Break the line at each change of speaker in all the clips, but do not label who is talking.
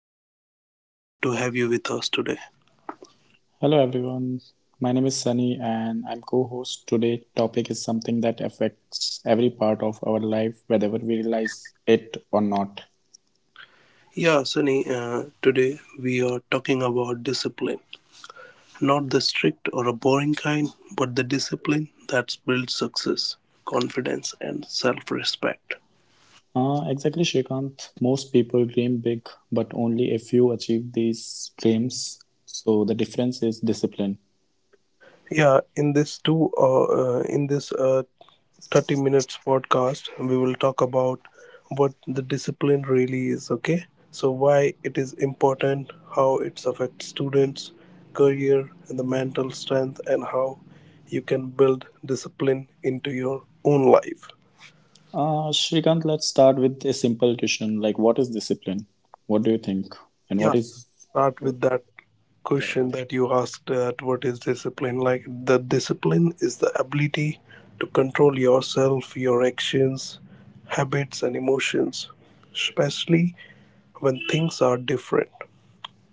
I'm really happy to have you with us today.
Hello everyone. My name is Sunny and I'm co-host. Today topic is something that affects every part of our life whether we realize it or not.
Yeah, Sunny, today we are talking about discipline. Not the strict or a boring kind, but the discipline that builds success, confidence, and self respect.
Exactly Shrikant. Most people dream big but only a few achieve these dreams. So the difference is discipline.
Yeah, in this 30 minutes podcast we will talk about what the discipline really is, okay, so why it is important, how it affects students career and the mental strength, and how you can build discipline into your own life.
Shrikant, let's start with a simple question like what is discipline? What do you think? And what
Yeah,
is
start
uh,
with that question
correct?
that you asked, that what is discipline like? The discipline is the ability to control yourself, your actions, habits, and emotions, especially when things are different.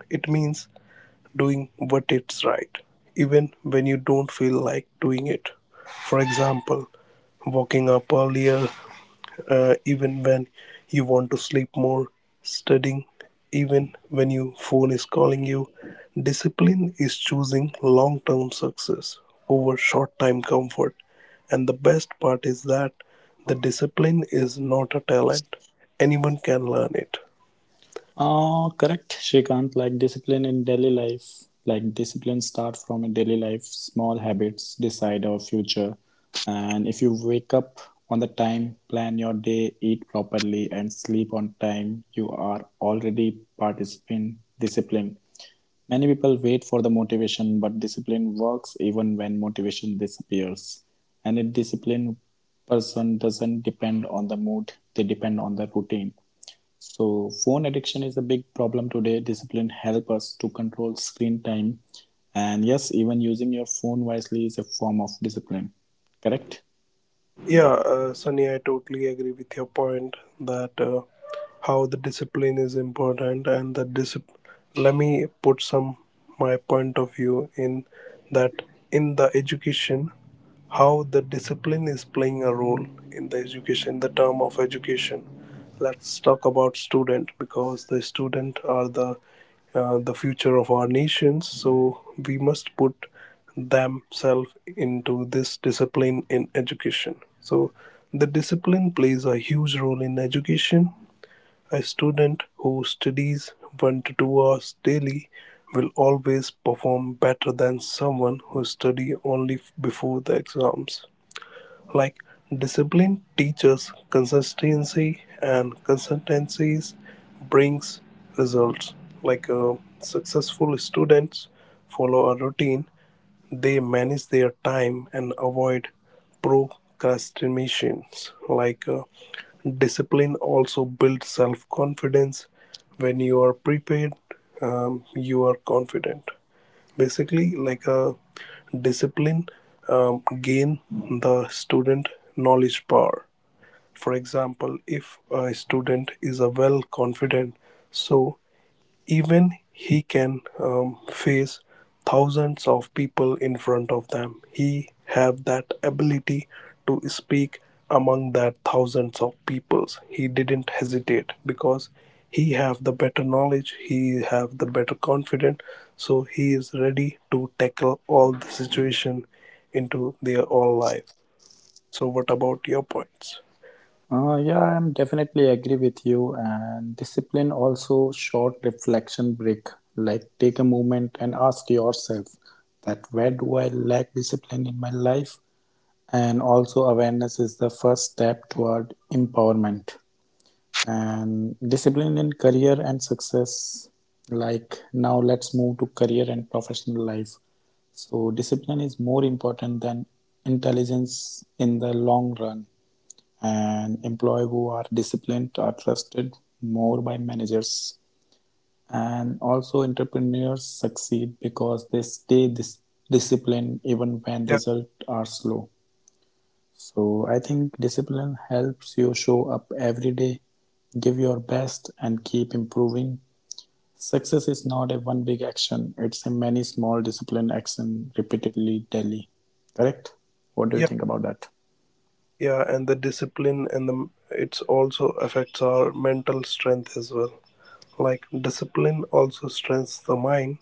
It means doing what it's right, even when you don't feel like doing it. For example, waking up earlier, even when you want to sleep more, studying, even when your phone is calling you. Discipline is choosing long term success over short time comfort. And the best part is that the discipline is not a talent, anyone can learn it.
Correct, Shrikant. Like discipline in daily life, like discipline start from a daily life. Small habits decide our future. And if you wake up on the time, plan your day, eat properly, and sleep on time, you are already participant discipline. Many people wait for the motivation, but discipline works even when motivation disappears. And a disciplined person doesn't depend on the mood; they depend on the routine. So phone addiction is a big problem today. Discipline help us to control screen time. And yes, even using your phone wisely is a form of discipline. Correct?
Yeah, Sunny, I totally agree with your point that, how the discipline is important and the discipline. Let me put some my point of view in that, in the education, how the discipline is playing a role in the education, the term of education. Let's talk about student, because the student are the, the future of our nations, so we must put themselves into this discipline in education. So the discipline plays a huge role in education. A student who studies 1 to 2 hours daily will always perform better than someone who study only before the exams. Like discipline teaches consistency, and consistencies brings results. Like, successful students follow a routine, they manage their time and avoid procrastinations. Like, discipline also builds self confidence. When you are prepared, you are confident. Basically, like a discipline, gain the student knowledge power. For example, if a student is a well confident, so even he can face thousands of people in front of them. He have that ability to speak among that thousands of peoples. He didn't hesitate because he have the better knowledge. He have the better confidence. So he is ready to tackle all the situation into their all life. So what about your points?
Yeah, I'm definitely agree with you. And discipline also short reflection break. Like take a moment and ask yourself that where do I lack discipline in my life? And also awareness is the first step toward empowerment. And discipline in career and success, like now let's move to career and professional life. So discipline is more important than intelligence in the long run, and employees who are disciplined are trusted more by managers, and also entrepreneurs succeed because they stay disciplined even when
Yeah.
results are slow. So I think discipline helps you show up every day. Give your best and keep improving. Success is not a one big action, it's a many small disciplined action repeatedly daily. Correct? What do you
Yeah.
think about that?
Yeah, and the discipline and the it's also affects our mental strength as well. Like discipline also strengthens the mind.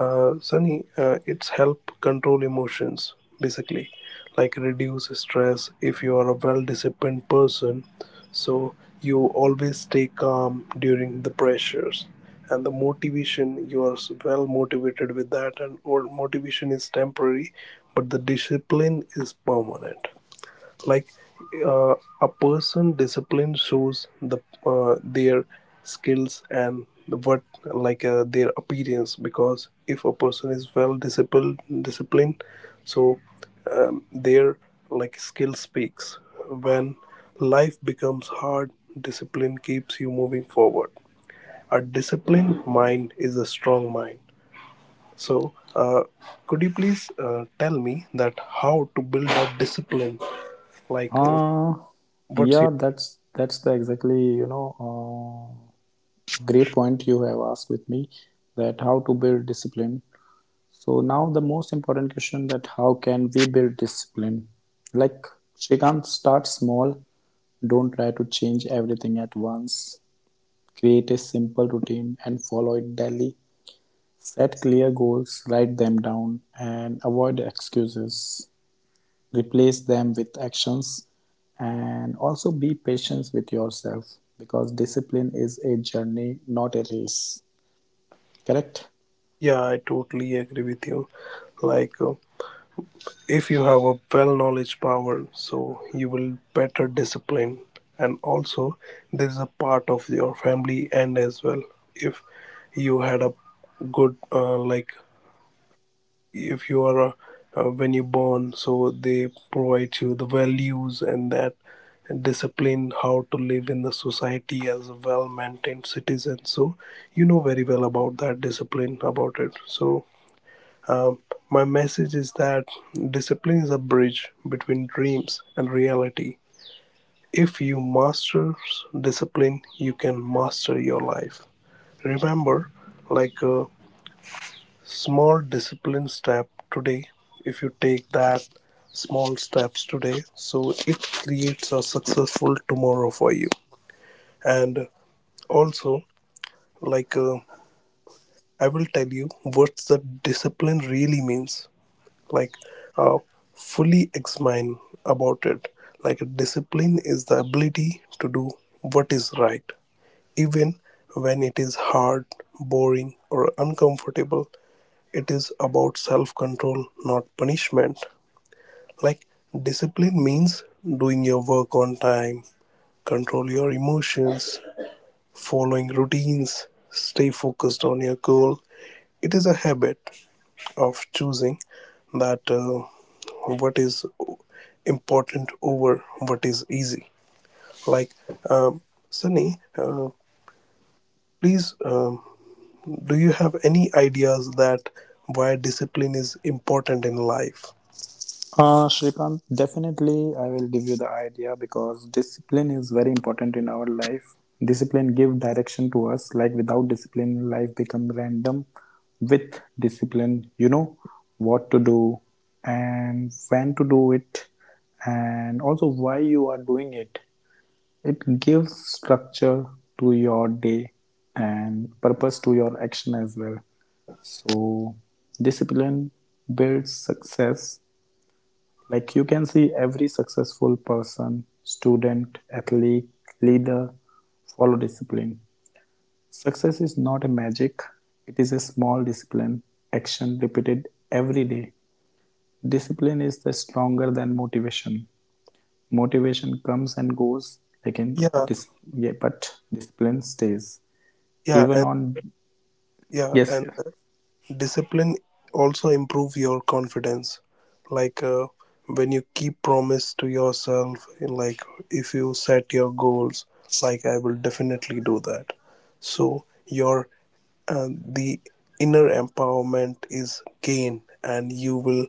Sunny, it's help control emotions, basically, like reduce stress. If you are a well disciplined person, so you always stay calm during the pressures, and the motivation, you are well motivated with that. And or motivation is temporary, but the discipline is permanent. Like, uh, a person discipline shows the, their skills and what, like, their appearance, because if a person is well disciplined, so their like skill speaks. When life becomes hard, discipline keeps you moving forward. A disciplined mind is a strong mind. So, could you please, tell me that how to build a discipline, like,
Uh
what's
yeah,
your?
that's the exactly, great point you have asked with me that how to build discipline. So now the most important question that how can we build discipline? Like Shrikant, start small. Don't try to change everything at once. Create a simple routine and follow it daily. Set clear goals, write them down, and avoid excuses. Replace them with actions, and also be patient with yourself because discipline is a journey, not a race. Correct?
Yeah, I totally agree with you. Like, if you have a well knowledge power, so you will better discipline, and also this is a part of your family and as well. If you had a good, like, if you are a, when you born, so they provide you the values and that discipline, how to live in the society as a well maintained citizen. So you know very well about that discipline about it. So Um, my message is that discipline is a bridge between dreams and reality. If you master discipline, you can master your life. Remember, like a small discipline step today, if you take that small steps today, so it creates a successful tomorrow for you. And also, like, I will tell you what the discipline really means. Like, uh, fully examine about it. Like discipline is the ability to do what is right, even when it is hard, boring or uncomfortable. It is about self control, not punishment. Like discipline means doing your work on time, control your emotions, following routines, stay focused on your goal. It is a habit of choosing that, what is important over what is easy. Like, um, Sunny, please, do you have any ideas that why discipline is important in life?
Shrikant, definitely I will give you the idea because discipline is very important in our life. Discipline give direction to us. Like without discipline, life become random. With discipline, you know what to do and when to do it, and also why you are doing it. It gives structure to your day and purpose to your action as well. So, discipline builds success. Like you can see every successful person, student, athlete, leader follow discipline. Success is not a magic, it is a small discipline action repeated every day. Discipline is the stronger than motivation. Motivation comes and goes again
Yeah,
yeah, but discipline stays
yeah,
even
and
on.
yeah,
Yes,
and,
yes,
discipline also improve your confidence. Like, when you keep promise to yourself, in, like, if you set your goals, like I will definitely do that. So your, the inner empowerment is gained and you will,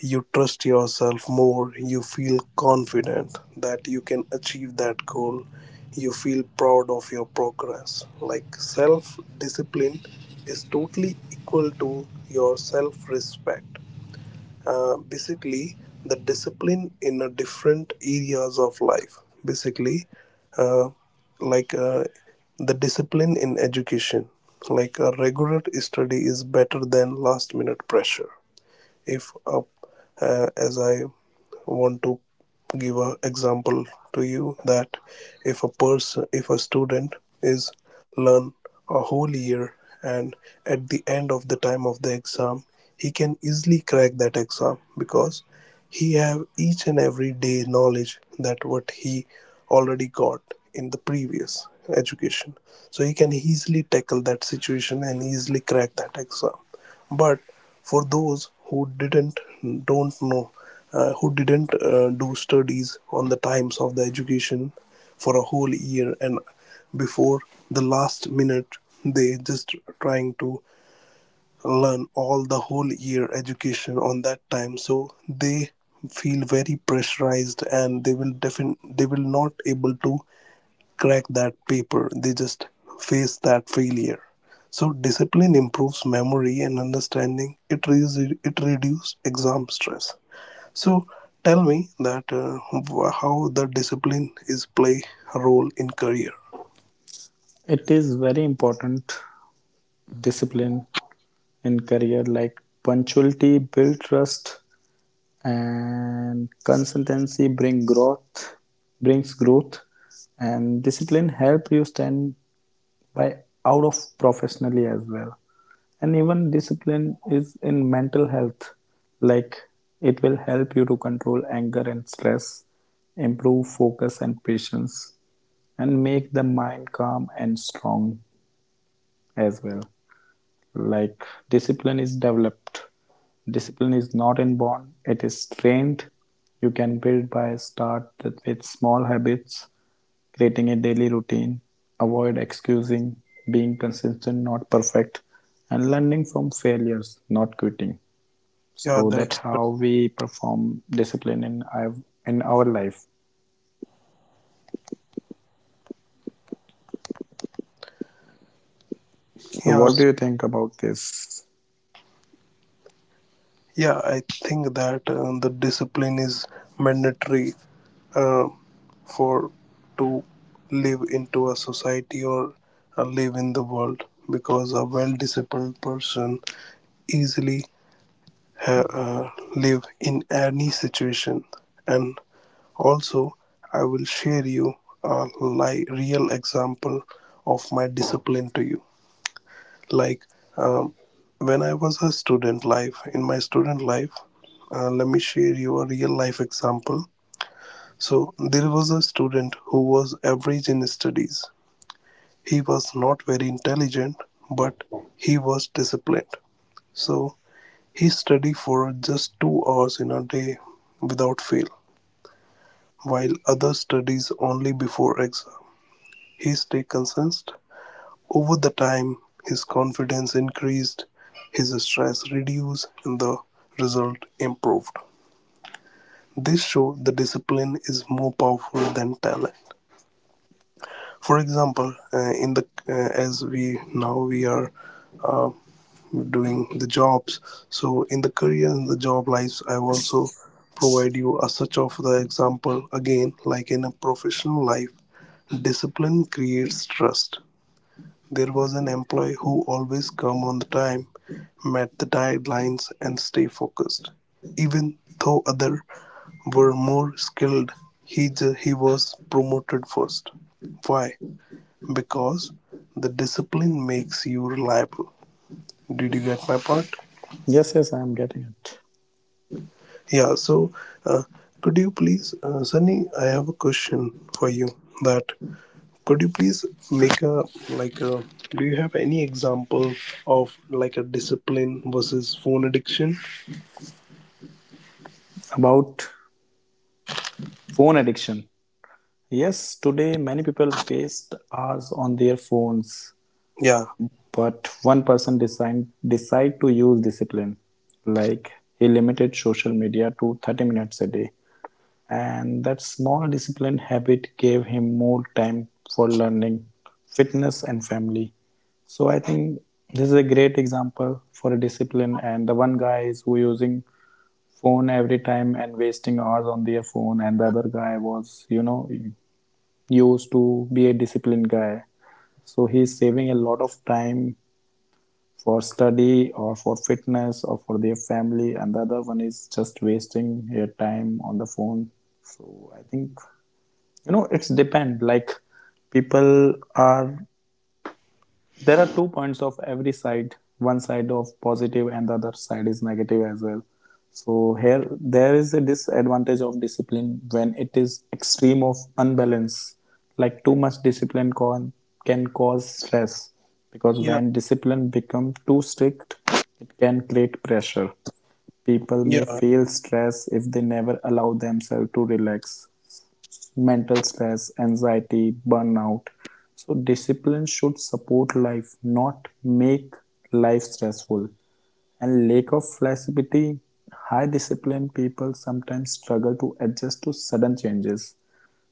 you trust yourself more, you feel confident that you can achieve that goal, you feel proud of your progress. Like self discipline is totally equal to your self respect. Basically the discipline in a different areas of life, basically, uh, like, the discipline in education, like a regular study is better than last minute pressure. If, as I want to give an example to you that if a person, if a student is learn a whole year, and at the end of the time of the exam he can easily crack that exam, because he have each and every day knowledge that what he already got in the previous education. So he can easily tackle that situation and easily crack that exam. But for those who didn't, don't know, who didn't, do studies on the times of the education for a whole year, and before the last minute they just trying to learn all the whole year education on that time, so they feel very pressurized and they will they will not able to crack that paper, they just face that failure. So discipline improves memory and understanding. It it reduces exam stress. So tell me that, how the discipline is play a role in career.
it is very important. Discipline in career, like punctuality build trust and consistency bring growth, brings growth, and discipline help you stand by out of professionally as well. And even discipline is in mental health, like it will help you to control anger and stress, improve focus and patience, and make the mind calm and strong as well. Like discipline is developed, discipline is not inborn, it is trained. You can build by start with small habits, creating a daily routine, avoid excusing, being consistent not perfect, and learning from failures not quitting.
Yeah,
So that's
that's
how we perform discipline in our life. So
yeah,
what do you think about this?
yeah. I think that, the discipline is mandatory, uh, for to live into a society, or, live in the world, because a well disciplined person easily, uh, live in any situation. And also I will share you a real example of my discipline to you. Like, um, when I was a student life, in my student life, let me share you a real life example. So there was a student who was average in studies, he was not very intelligent, but he was disciplined. So he studies for just 2 hours in a day without fail, while others studies only before exam, he stays consistent. Over the time, his confidence increased, his stress reduced, and the result improved. This shows the discipline is more powerful than talent. For example, in the as we now we are doing the jobs, so in the career and the job lives I also provide you a such of the example again. Like in a professional life, discipline creates trust. There was an employee who always come on the time, met the deadlines and stay focused. Even though other were more skilled, he he was promoted first. Why? Because the discipline makes you reliable. Did you get my point?
Yes, yes, I am getting it.
Yeah, so, uh, could you please, Sunny? I have a question for you. That could you please make a like a? Do you have any example of like a discipline versus phone addiction?
About phone addiction, yes, today many people waste hours on their phones,
Yeah,
but one person decide to use discipline. Like he limited social media to 30 minutes a day, and that small discipline habit gave him more time for learning, fitness, and family. So I think this is a great example for a discipline. And the one guy is who using phone every time and wasting hours on their phone, and the other guy was, you know, used to be a disciplined guy. So he's saving a lot of time for study or for fitness or for their family, and the other one is just wasting their time on the phone. So I think, you know, it's depend. Like people are, there are two points of every side, one side of positive and the other side is negative as well. So here there is a disadvantage of discipline when it is extreme of unbalance. Like too much discipline can cause stress, because
yeah,
when discipline become too strict, it can create pressure. People may
yeah,
feel stress if they never allow themselves to relax: mental stress, anxiety, burnout. So discipline should support life, not make life stressful. And lack of flexibility, high disciplined people sometimes struggle to adjust to sudden changes.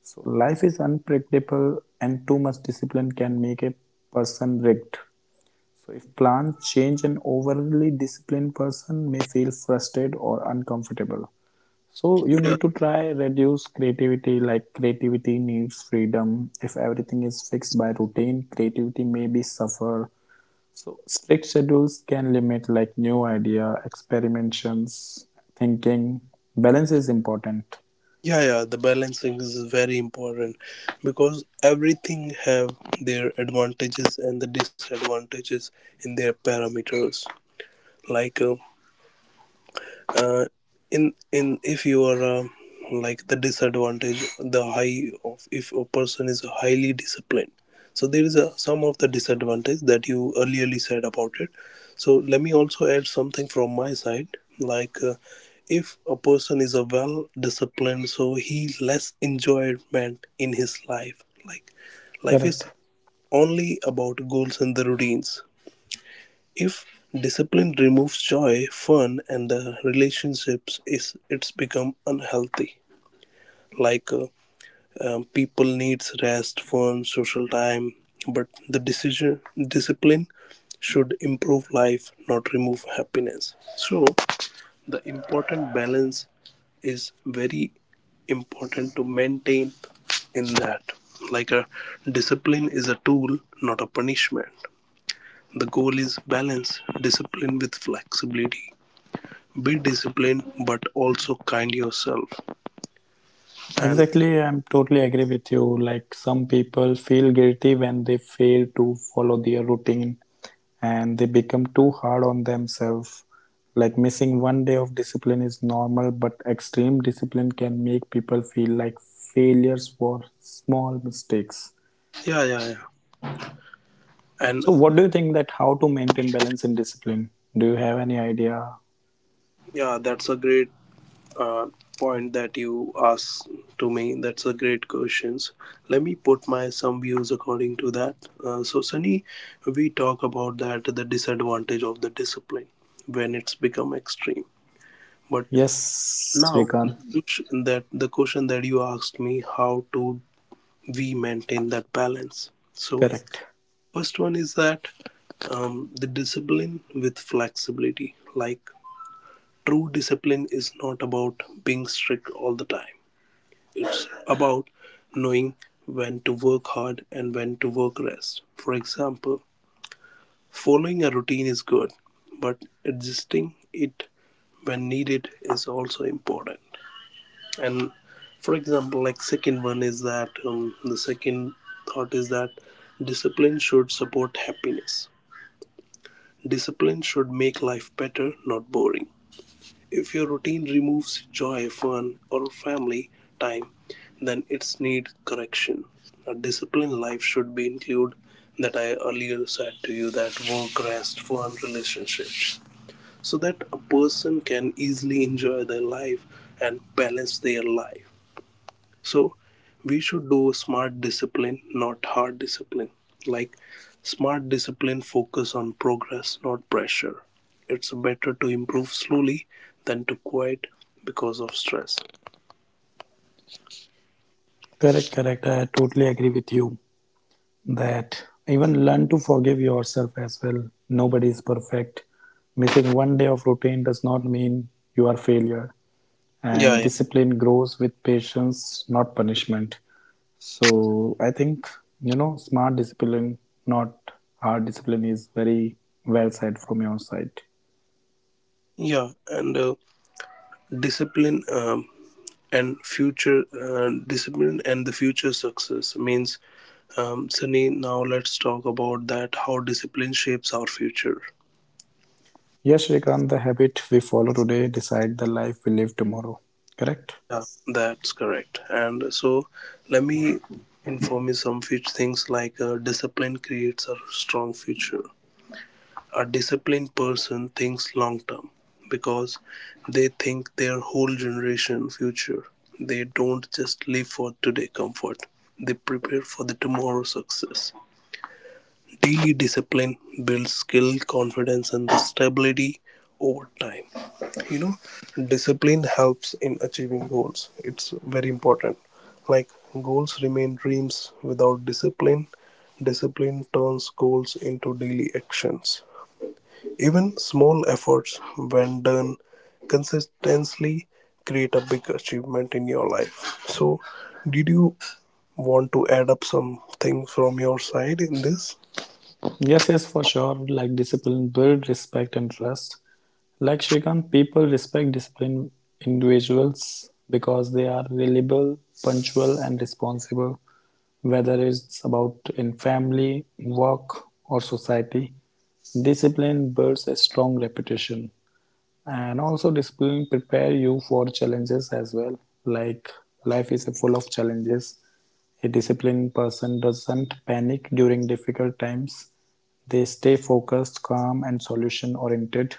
So life is unpredictable and too much discipline can make a person rigged. So if plans change, an overly disciplined person may feel frustrated or uncomfortable. So you
yeah,
need to try reduce creativity, like creativity needs freedom. If everything is fixed by routine, creativity may be suffer. So strict schedules can limit like new idea, experimentations, thinking. Balance is important.
yeah, yeah. The balancing is very important, because everything have their advantages and the disadvantages in their parameters. Like, uh, in if you are, like the disadvantage, the high of, if a person is highly disciplined, so there is a some of the disadvantage that you earlierly said about it. So let me also add something from my side. Like, if a person is a well disciplined, so he less enjoyment in his life. Like life
Correct.
is only about goals and the routines. If discipline removes joy, fun, and the relationships, is it's become unhealthy. Like, people needs rest, fun, social time, but the decision, discipline should improve life, not remove happiness. So the important balance is very important to maintain in that. Like a discipline is a tool, not a punishment. The goal is balance discipline with flexibility. Be disciplined but also kind yourself. And
Exactly, I'm totally agree with you. Like some people feel guilty when they fail to follow their routine, and they become too hard on themselves. Like missing one day of discipline is normal, but extreme discipline can make people feel like failures for small mistakes.
yeah, yeah, yeah. And
So, what do you think that how to maintain balance in discipline? Do you have any idea?
yeah, that's a great, uh, point that you asked to me. That's a great questions. Let me put my some views according to that. So Sunny, we talk about that the disadvantage of the discipline when it's become extreme. But
Yes, Srikanth.
the question that, the question that you asked me, how to we maintain that balance. So,
Correct.
first one is that, the discipline with flexibility. Like, true discipline is not about being strict all the time, it's about knowing when to work hard and when to work rest. For example, following a routine is good, but adjusting it when needed is also important. And for example, like, second one is that the second thought is that discipline should support happiness. Discipline should make life better, not boring. If your routine removes joy, fun, or family time, then it's need correction. A disciplined life should be include that I earlier said to you: that work, rest, fun, relationships, so that a person can easily enjoy their life and balance their life. So we should do smart discipline, not hard discipline. Like, smart discipline focus on progress, not pressure. It's better to improve slowly than to quit because of stress.
Correct, correct, I totally agree with you that even learn to forgive yourself as well. Nobody is perfect. Missing one day of routine does not mean you are failure.
Yeah,
And
yeah,
discipline grows with patience not punishment. So I think, you know, smart discipline not hard discipline is very well said from your side.
yeah. And discipline, and future, discipline and the future success means, Sunny. Now let's talk about that. How discipline shapes our future.
Yes Shrikant, the habit we follow today decide the life we live tomorrow. Correct?
Yeah, that's correct. And so let me inform you some few things, like, discipline creates a strong future. A disciplined person thinks long term because they think their whole generation future. They don't just live for today comfort. They prepare for the tomorrow success. Daily discipline builds skill, confidence, and the stability over time. You know, discipline helps in achieving goals. It's very important. Like, goals remain dreams without discipline. Discipline turns goals into daily actions. Even small efforts, when done consistently, create a big achievement in your life. So, did you want to add up something from your side in this?
Yes, yes, for sure. Like discipline build respect and trust. Like Shrikant, people respect disciplined individuals because they are reliable, punctual, and responsible, whether it's about in family, work, or society. Discipline builds a strong reputation. And also discipline prepare you for challenges as well. Like life is full of challenges. A disciplined person doesn't panic during difficult times. They stay focused, calm and solution oriented.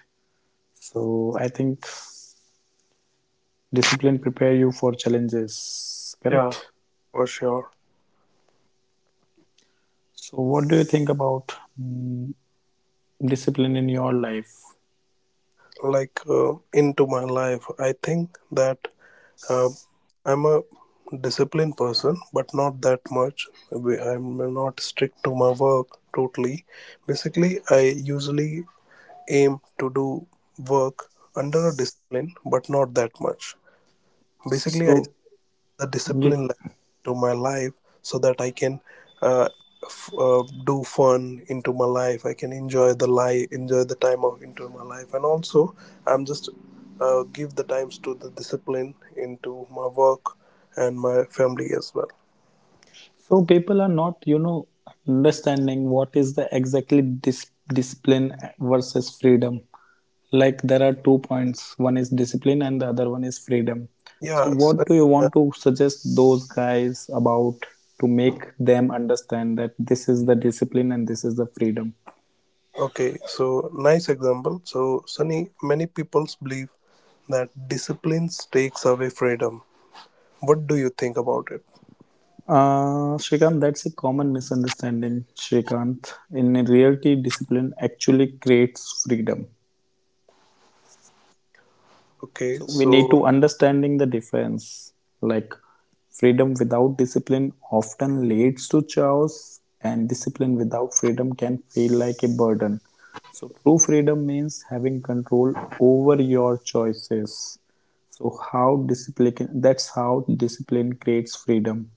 So I think discipline prepare you for challenges,
Yeah,
correct?
for sure.
So what do you think about mm, discipline in your life?
Like, into my life, I think that uh, I'm a disciplined person, but not that much. I'm not strict to my work totally. Basically, I usually aim to do work under a discipline, but not that much. Basically, I
So
the
yeah,
discipline level into my life so that I can uh, do fun into my life. I can enjoy the life, enjoy the time of into my life, and also I'm just give the times to the discipline into my work and my family as well.
so people are not, you know, understanding what is the exactly discipline versus freedom. Like there are two points. One is discipline and the other one is freedom. So
Yeah,
what
Sunny,
do you
uh,
want to suggest those guys about, to make them understand that this is the discipline and this is the freedom?
okay. So nice example. So Sunny, many people believe that discipline takes away freedom. What do you think about it?
Shrikant, that's a common misunderstanding, Shrikant. In reality, discipline actually creates freedom.
Okay,
So we need
so
to understanding the difference. Like freedom without discipline often leads to chaos, and discipline without freedom can feel like a burden. So true freedom means having control over your choices. So how discipline that's how discipline creates freedom.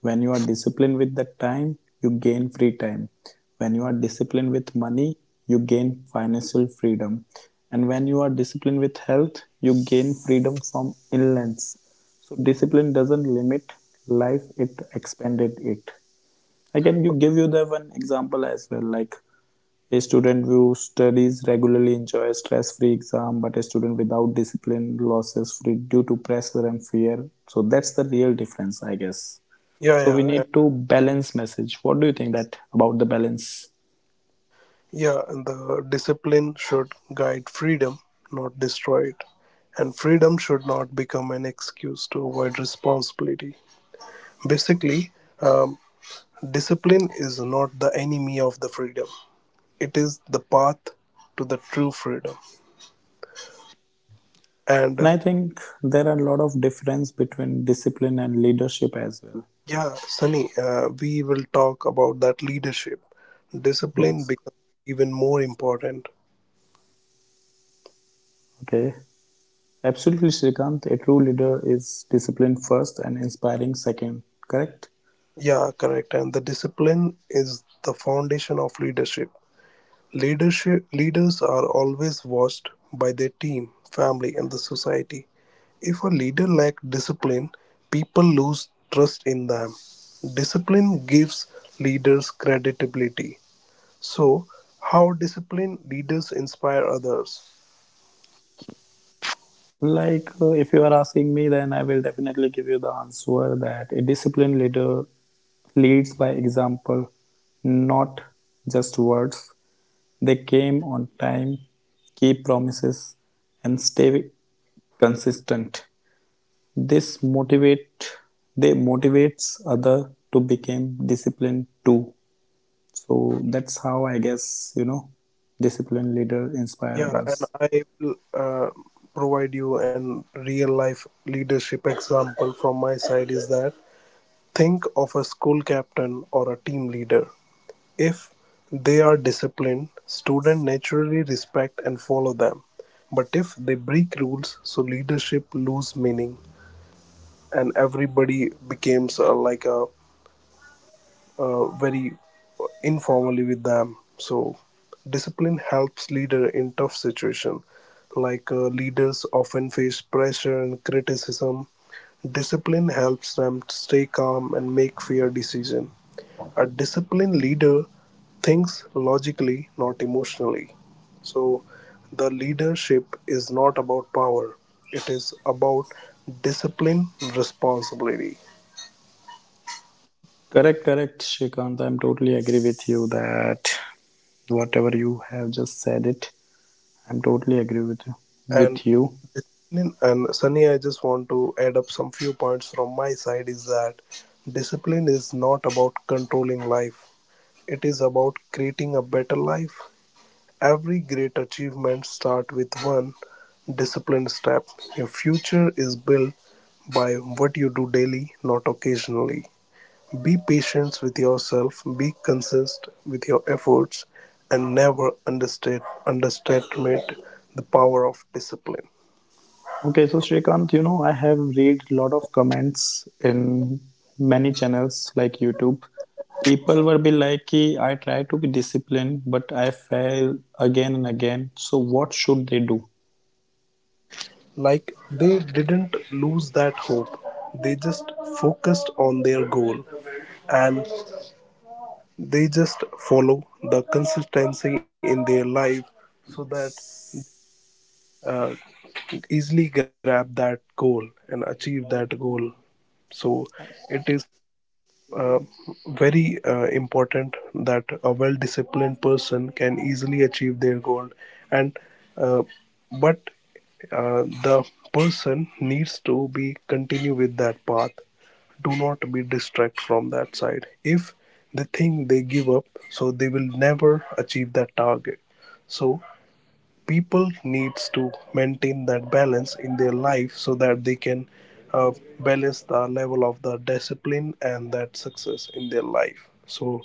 When you are disciplined with the time, you gain free time. When you are disciplined with money, you gain financial freedom. And when you are disciplined with health, you gain freedom from illness. So discipline doesn't limit life, it expanded it. I can give you the one example as well, like a student who studies regularly enjoys stress-free exam, but a student without discipline loses free due to pressure and fear. So that's the real difference, I guess.
yeah,
So we
yeah,
need to balance message. What do you think that about the balance?
yeah, and the discipline should guide freedom, not destroy it. And freedom should not become an excuse to avoid responsibility. Basically, um, discipline is not the enemy of the freedom, it is the path to the true freedom. And
And I think there are a lot of difference between discipline and leadership as well.
yeah, Sunny, we will talk about that leadership. Discipline
Yes.
becomes even more important.
Okay. Absolutely, Srikant. A true leader is disciplined first and inspiring second. Correct?
Yeah, correct. And the discipline is the foundation of leadership. Leadership. Leaders are always watched by their team, family, and the society. If a leader lacks discipline, people lose trust in them. Discipline gives leaders credibility. So, how disciplined leaders inspire others?
Like, if you are asking me, then I will definitely give you the answer that a disciplined leader leads by example, not just words. They came on time, keep promises, and stay consistent. This motivate, they motivates other to become disciplined too. So that's how I guess, you know, disciplined leader inspire
Yeah, and
others.
I will provide you an real life leadership example from my side is that think of a school captain or a team leader. If they are disciplined, students naturally respect and follow them. But if they break rules, so leadership lose meaning, and everybody becomes like a very informally with them. So discipline helps leader in tough situation, like, leaders often face pressure and criticism. Discipline helps them stay calm and make fair decision. A disciplined leader thinks logically, not emotionally. So, the leadership is not about power, it is about discipline, responsibility.
Correct, correct, Shrikant. I'm totally agree with you that whatever you have just said it, I'm totally agree
And
with you.
discipline, and Sunny, I just want to add up some few points from my side is that discipline is not about controlling life, it is about creating a better life. Every great achievement starts with one disciplined step. Your future is built by what you do daily, not occasionally. Be patient with yourself, be consistent with your efforts, and never understate, underestimate the power of discipline.
Okay so Shrikant, you know, I have read a lot of comments in many channels like YouTube. People were be like, I try to be disciplined but I fail again and again. So what should they do?
Like, they didn't lose that hope, they just focused on their goal and they just follow the consistency in their life so that uh, easily grab that goal and achieve that goal. So it is uh, very important that a well disciplined person can easily achieve their goal. And uh, but the person needs to be continue with that path. Do not be distract from that side. If they think they give up, so they will never achieve that target. So people needs to maintain that balance in their life so that they can uh, balance the level of the discipline and that success in their life. So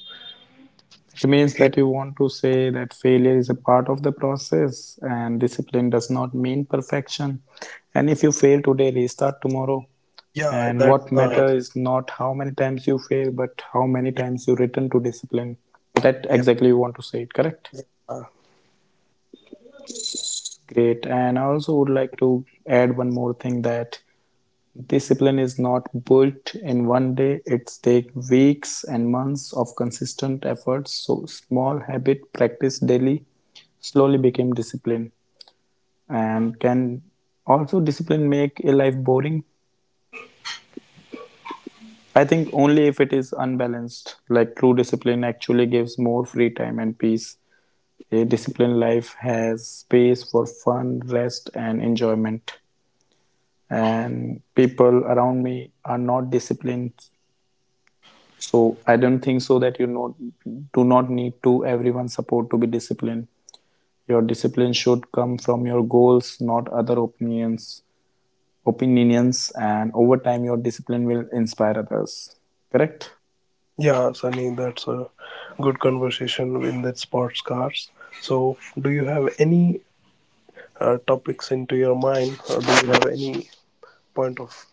It means
he-
that you want to say that failure is a part of the process and discipline does not mean perfection, and if you fail today restart tomorrow.
yeah,
And
that's
what matters is not how many times you fail, but how many
yeah,
times you return to discipline. That
yeah,
exactly you want to say it, correct?
yeah,
Great. And I also would like to add one more thing that discipline is not built in one day. It takes weeks and months of consistent efforts. So small habit practice daily slowly became discipline. And can also discipline make a life boring? I think only if it is unbalanced, like true discipline actually gives more free time and peace. A disciplined life has space for fun, rest, and enjoyment. And people around me are not disciplined, so I don't think so that, you know, do not need to everyone's support to be disciplined. Your discipline should come from your goals, not other opinions. Opinions, and over time, your discipline will inspire others. Correct?
yeah, Sunny, that's a good conversation in that sports cars. So do you have any topics into your mind, or do you have any point of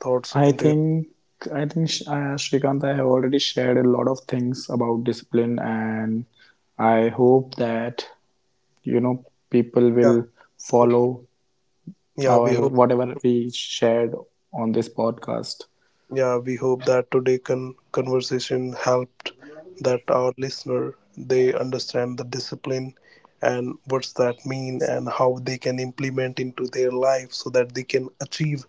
thoughts
I
into your?
think, I think Shrikant, I have already shared a lot of things about discipline, and I hope that, you know, people
Yeah,
will
hope,
follow
yeah, we
our
hope.
whatever we shared on this podcast.
Yeah, we hope that today' conversation helped that our listener they understand the discipline and what's that mean and how they can implement into their life so that they can achieve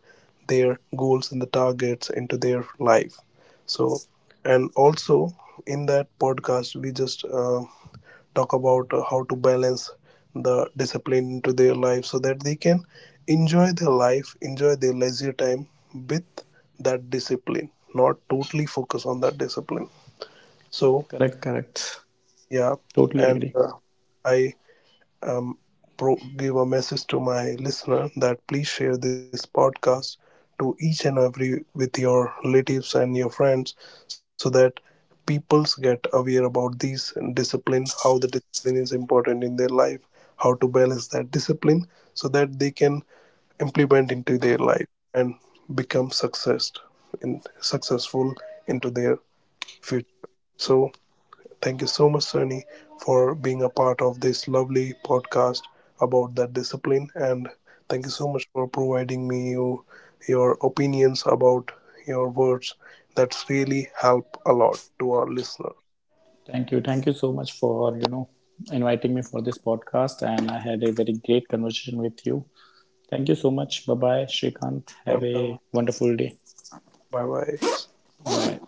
their goals and the targets into their life. So, and also in that podcast, we just talk about how to balance the discipline into their life so that they can enjoy their life, enjoy their leisure time with that discipline, not totally focus on that discipline. So
Correct, correct.
yeah.
Totally
and
agree.
uh, i um, pro- give a message to my listener that please share this podcast to each and every with your relatives and your friends so that peoples get aware about these discipline, how the discipline is important in their life, how to balance that discipline so that they can implement into their life and become success in successful into their future. So thank you so much, Sunny, for being a part of this lovely podcast about that discipline. And thank you so much for providing me you, your opinions about your words. That's really help a lot to our listener.
Thank you so much for, you know, inviting me for this podcast, and I had a very great conversation with you. Thank you so much. Bye bye, Shrikant. Have
Welcome.
a wonderful day.
Bye bye.
Bye.